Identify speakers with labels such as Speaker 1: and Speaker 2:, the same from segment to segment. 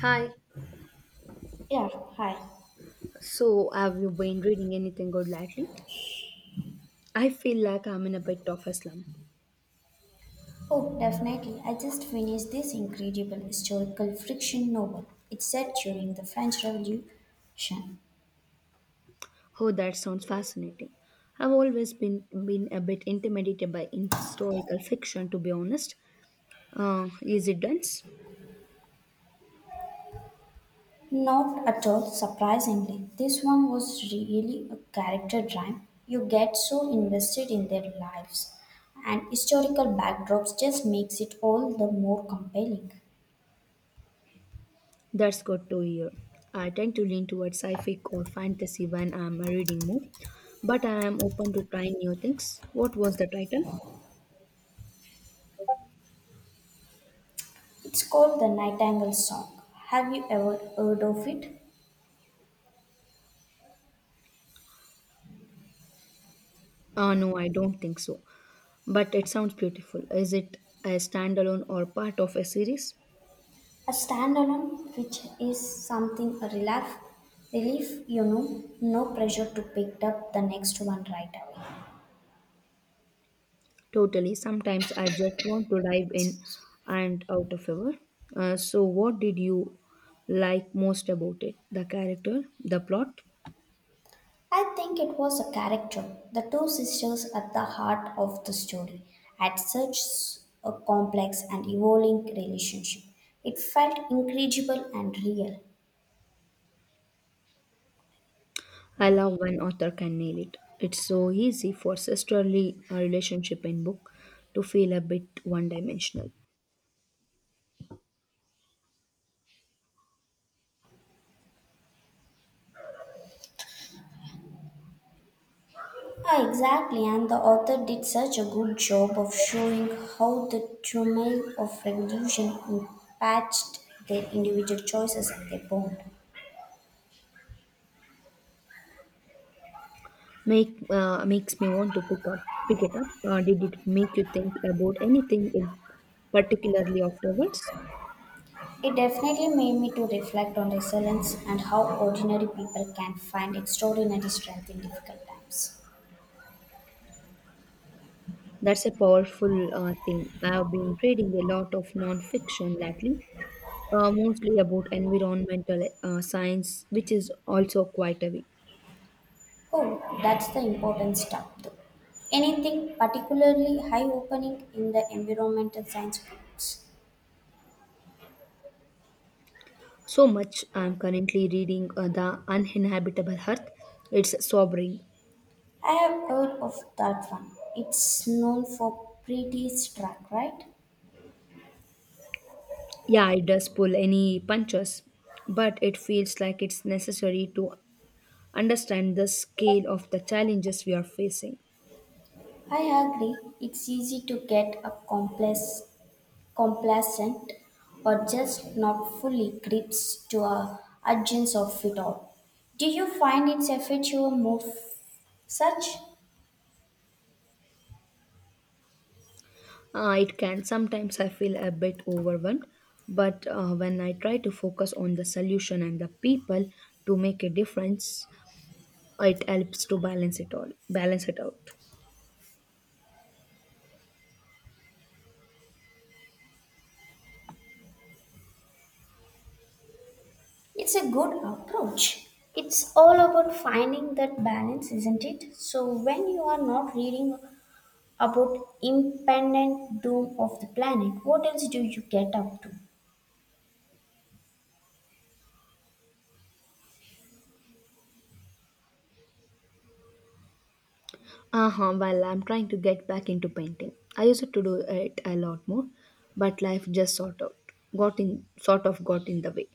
Speaker 1: Hi.
Speaker 2: Yeah, hi.
Speaker 1: So, have you been reading anything good lately? I feel like I'm in a bit of a slump.
Speaker 2: Oh, definitely. I just finished this incredible historical fiction novel. It's set during the French Revolution.
Speaker 1: Oh, that sounds fascinating. I've always been a bit intimidated by historical fiction, to be honest. Is it dense?
Speaker 2: Not at all surprisingly, this one was really a character drive. You get so invested in their lives, and historical backdrops just makes it all the more compelling.
Speaker 1: That's good to hear. I tend to lean towards sci-fi or fantasy when I'm reading more, but I am open to trying new things. What was the title?
Speaker 2: It's called The Nightingale Song. Have you ever heard of it?
Speaker 1: No, I don't think so. But it sounds beautiful. Is it a standalone or part of a series?
Speaker 2: A standalone, which is something a relief, no pressure to pick up the next one right away.
Speaker 1: Totally. Sometimes I just want to dive in and out of ever. So, what did you like most about it? The character, the plot?
Speaker 2: I think it was a character, the two sisters at the heart of the story, had such a complex and evolving relationship. It felt incredible and real.
Speaker 1: I love when author can nail it. It's so easy for sisterly relationship in book to feel a bit one-dimensional.
Speaker 2: Ah, exactly, and the author did such a good job of showing how the turmoil of revolution impacted their individual choices and their bond.
Speaker 1: Makes me want to pick it up. Did it make you think about anything in particularly afterwards?
Speaker 2: It definitely made me to reflect on resilience and how ordinary people can find extraordinary strength in difficult times.
Speaker 1: That's a powerful thing. I've been reading a lot of non-fiction lately, mostly about environmental science, which is also quite heavy.
Speaker 2: Oh, that's the important stuff though. Anything particularly eye-opening in the environmental science books?
Speaker 1: So much. I'm currently reading The Uninhabitable Earth. It's sobering.
Speaker 2: I have heard of that one. It's known for pretty struck, right?
Speaker 1: Yeah, it does pull any punches, but it feels like it's necessary to understand the scale of the challenges we are facing.
Speaker 2: I agree. It's easy to get a complex complacent, or just not fully grips to a urgency of it all. Do you find it's affect your mood such?
Speaker 1: It can sometimes I feel a bit overwhelmed, but when I try to focus on the solution and the people to make a difference, it helps to balance it out.
Speaker 2: It's a good approach. It's all about finding that balance, isn't it? So, when you are not reading about impending doom of the planet, what else do you get up to?
Speaker 1: Uh-huh. Well, I'm trying to get back into painting. I used to do it a lot more, but life just sort of got in the way.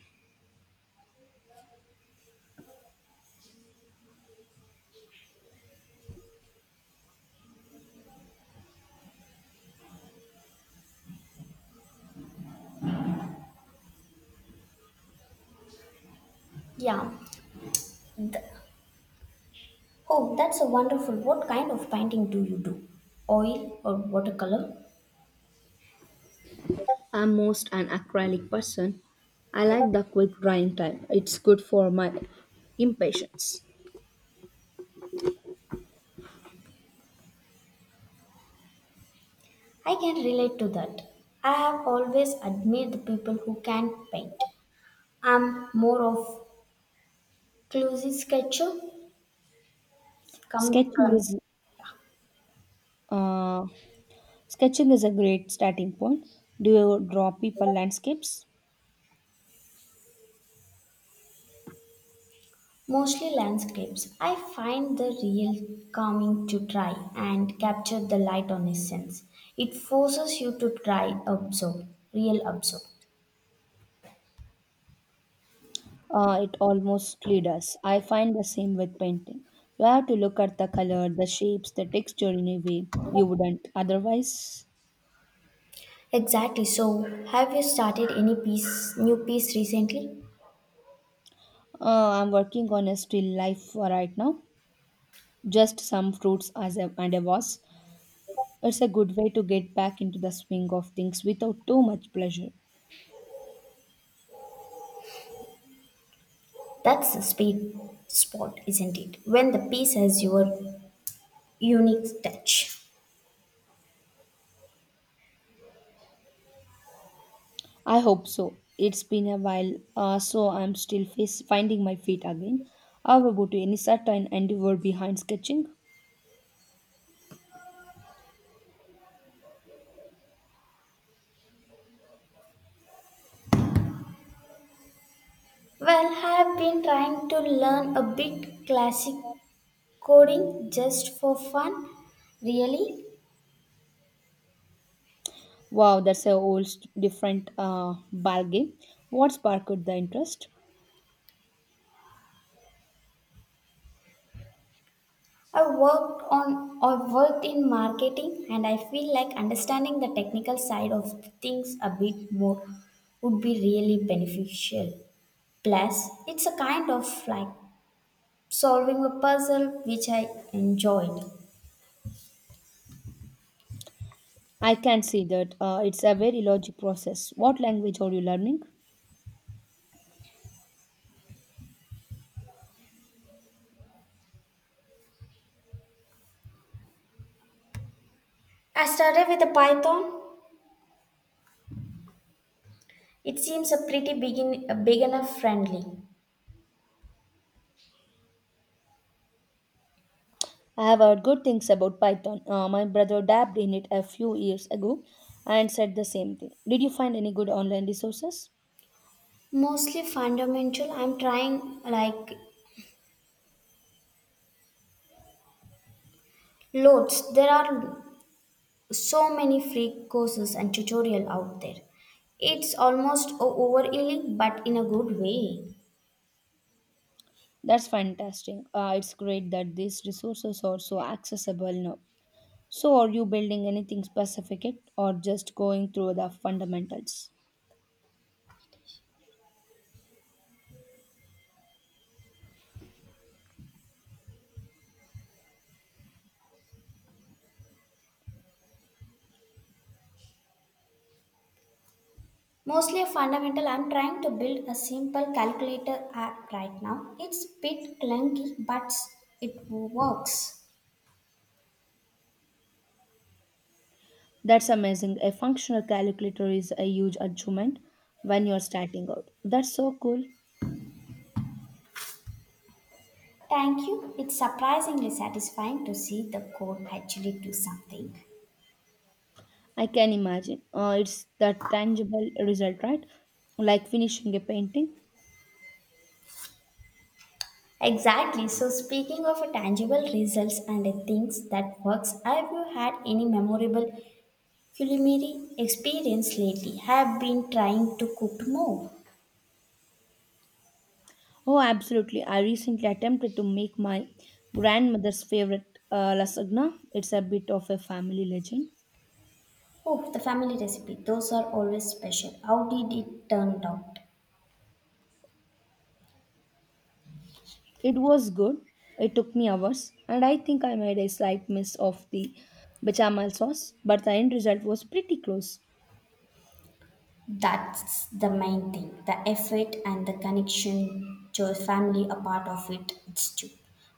Speaker 2: Yeah. Th- oh, that's a wonderful. What kind of painting do you do? Oil or watercolor?
Speaker 1: I'm most an acrylic person. I like the quick drying time. It's good for my impatience.
Speaker 2: I can relate to that. I have always admired the people who can paint. I'm more of clumsy sketcher, come,
Speaker 1: sketching
Speaker 2: come,
Speaker 1: is uh, sketching is a great starting point. Do you draw people, landscapes?
Speaker 2: mostly landscapes. I find the real calming to try and capture the light on a sense. It forces you to try observe, real observe.
Speaker 1: It almostly does. I find the same with painting. You have to look at the color, the shapes, the texture in a way you wouldn't otherwise.
Speaker 2: Exactly. So, have you started any piece, new piece recently?
Speaker 1: I'm working on a still life for right now, just some fruits as a, and a vase. It's a good way to get back into the swing of things without too much pressure.
Speaker 2: That's the sweet spot, isn't it? When the piece has your unique touch.
Speaker 1: I hope so. It's been a while, so I'm still finding my feet again. How about you? Any certain endeavor behind sketching?
Speaker 2: Well, I've been trying to learn a bit classic coding just for fun. Really,
Speaker 1: Wow, that's a whole different ball game. What sparked the interest?
Speaker 2: I worked in marketing and I feel like understanding the technical side of things a bit more would be really beneficial. Plus, it's a kind of like solving a puzzle which I enjoyed.
Speaker 1: I can see that. It's a very logic process. What language are you learning?
Speaker 2: I started with the Python. It seems a pretty beginner friendly.
Speaker 1: I have heard good things about Python. My brother dabbed in it a few years ago and said the same thing. Did you find any good online resources?
Speaker 2: Mostly fundamental. I'm trying like loads. There are so many free courses and tutorial out there. It's almost overwhelming, but in a good way.
Speaker 1: That's fantastic. It's great that these resources are so accessible now. So, are you building anything specific yet or just going through the fundamentals?
Speaker 2: Mostly a fundamental. I'm trying to build a simple calculator app right now. It's a bit clunky, but it works.
Speaker 1: That's amazing. A functional calculator is a huge achievement when you're starting out. That's so cool.
Speaker 2: Thank you. It's surprisingly satisfying to see the code actually do something.
Speaker 1: I can imagine. It's the tangible result, right? Like finishing a painting.
Speaker 2: Exactly. So speaking of tangible results and things that works, have you had any memorable culinary experience lately? Have been trying to cook more.
Speaker 1: Oh, absolutely. I recently attempted to make my grandmother's favorite lasagna. It's a bit of a family legend.
Speaker 2: Oh, the family recipe. Those are always special. How did it turn out?
Speaker 1: It was good. It took me hours, and I think I made a slight miss of the bechamel sauce, but the end result was pretty close.
Speaker 2: That's the main thing. The effort and the connection to your family are part of it. It's true.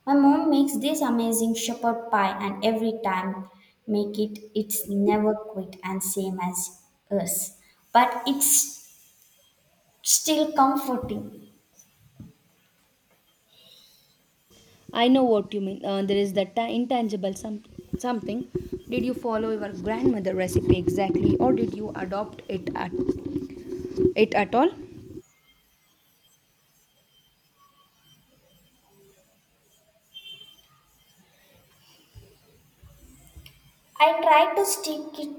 Speaker 2: My mom makes this amazing shepherd pie and every time make it it's never quit and same as us. But it's still comforting.
Speaker 1: I know what you mean. There is that intangible something. Did you follow your grandmother recipe exactly, or did you adopt it at all?
Speaker 2: I try to stick it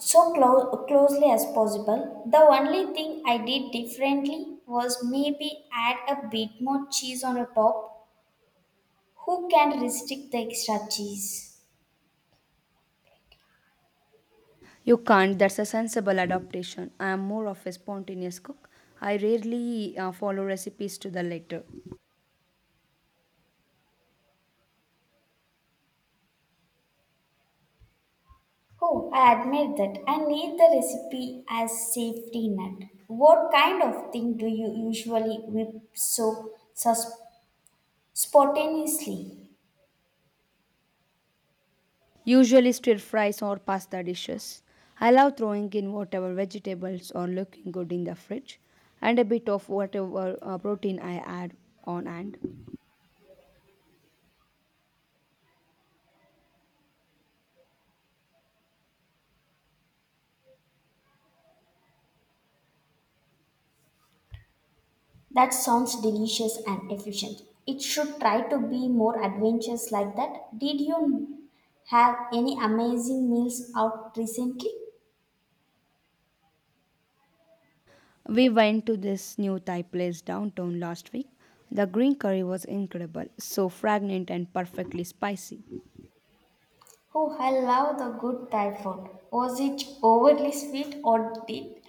Speaker 2: so closely as possible. The only thing I did differently was maybe add a bit more cheese on the top. Who can restrict the extra cheese?
Speaker 1: You can't. That's a sensible adaptation. I am more of a spontaneous cook. I rarely follow recipes to the letter.
Speaker 2: Oh, I admire that. I need the recipe as safety net. What kind of thing do you usually whip so spontaneously?
Speaker 1: Usually stir fries or pasta dishes. I love throwing in whatever vegetables are looking good in the fridge, and a bit of whatever protein I add on hand.
Speaker 2: That sounds delicious and efficient. It should try to be more adventurous like that. Did you have any amazing meals out recently?
Speaker 1: We went to this new Thai place downtown last week. The green curry was incredible, so fragrant and perfectly spicy.
Speaker 2: Oh, I love the good Thai food. Was it overly sweet or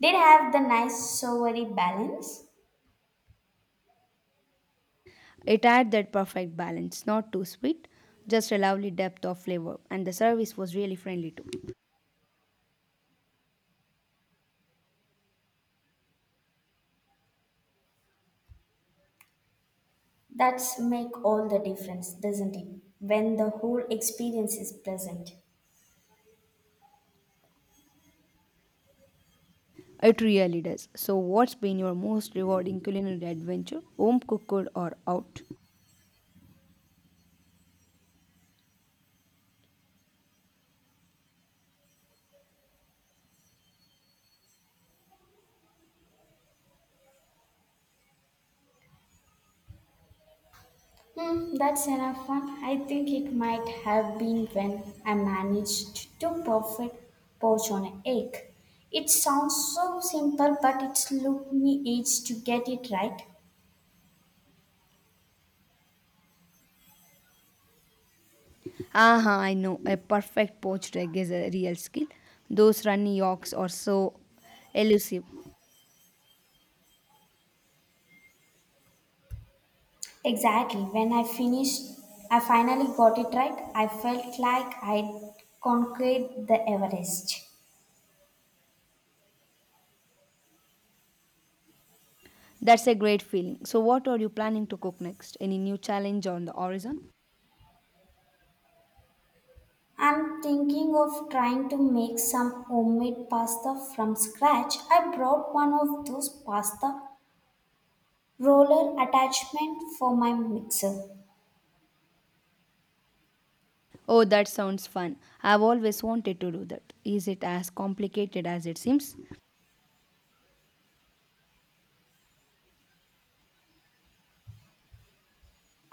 Speaker 2: did have the nice savory balance?
Speaker 1: It had that perfect balance, not too sweet, just a lovely depth of flavor, and the service was really friendly too.
Speaker 2: That's make all the difference, doesn't it? When the whole experience is present.
Speaker 1: It really does. So, what's been your most rewarding culinary adventure, home cooked or out?
Speaker 2: Hmm, that's enough fun. I think it might have been when I managed to perfect poach on an egg. It sounds so simple, but it took me age to get it right.
Speaker 1: Aha, I know, a perfect poached egg is a real skill. Those runny yolks are so elusive.
Speaker 2: Exactly. I finally got it right. I felt like I conquered the Everest.
Speaker 1: That's a great feeling. So, what are you planning to cook next? Any new challenge on the horizon?
Speaker 2: I'm thinking of trying to make some homemade pasta from scratch. I brought one of those pasta roller attachment for my mixer.
Speaker 1: Oh, that sounds fun. I've always wanted to do that. Is it as complicated as it seems?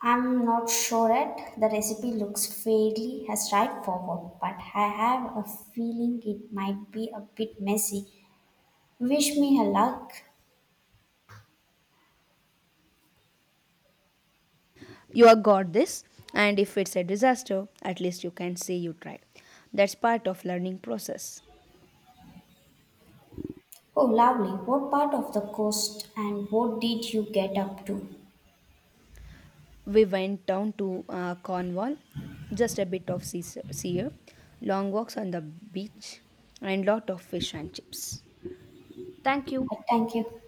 Speaker 2: I'm not sure yet. The recipe looks fairly straightforward, but I have a feeling it might be a bit messy. Wish me a luck.
Speaker 1: You have got this, and if it's a disaster, at least you can say you tried. That's part of learning process.
Speaker 2: Oh, lovely. What part of the coast and what did you get up to?
Speaker 1: We went down to Cornwall, just a bit of sea air, long walks on the beach, and lot of fish and chips. Thank you.
Speaker 2: Thank you.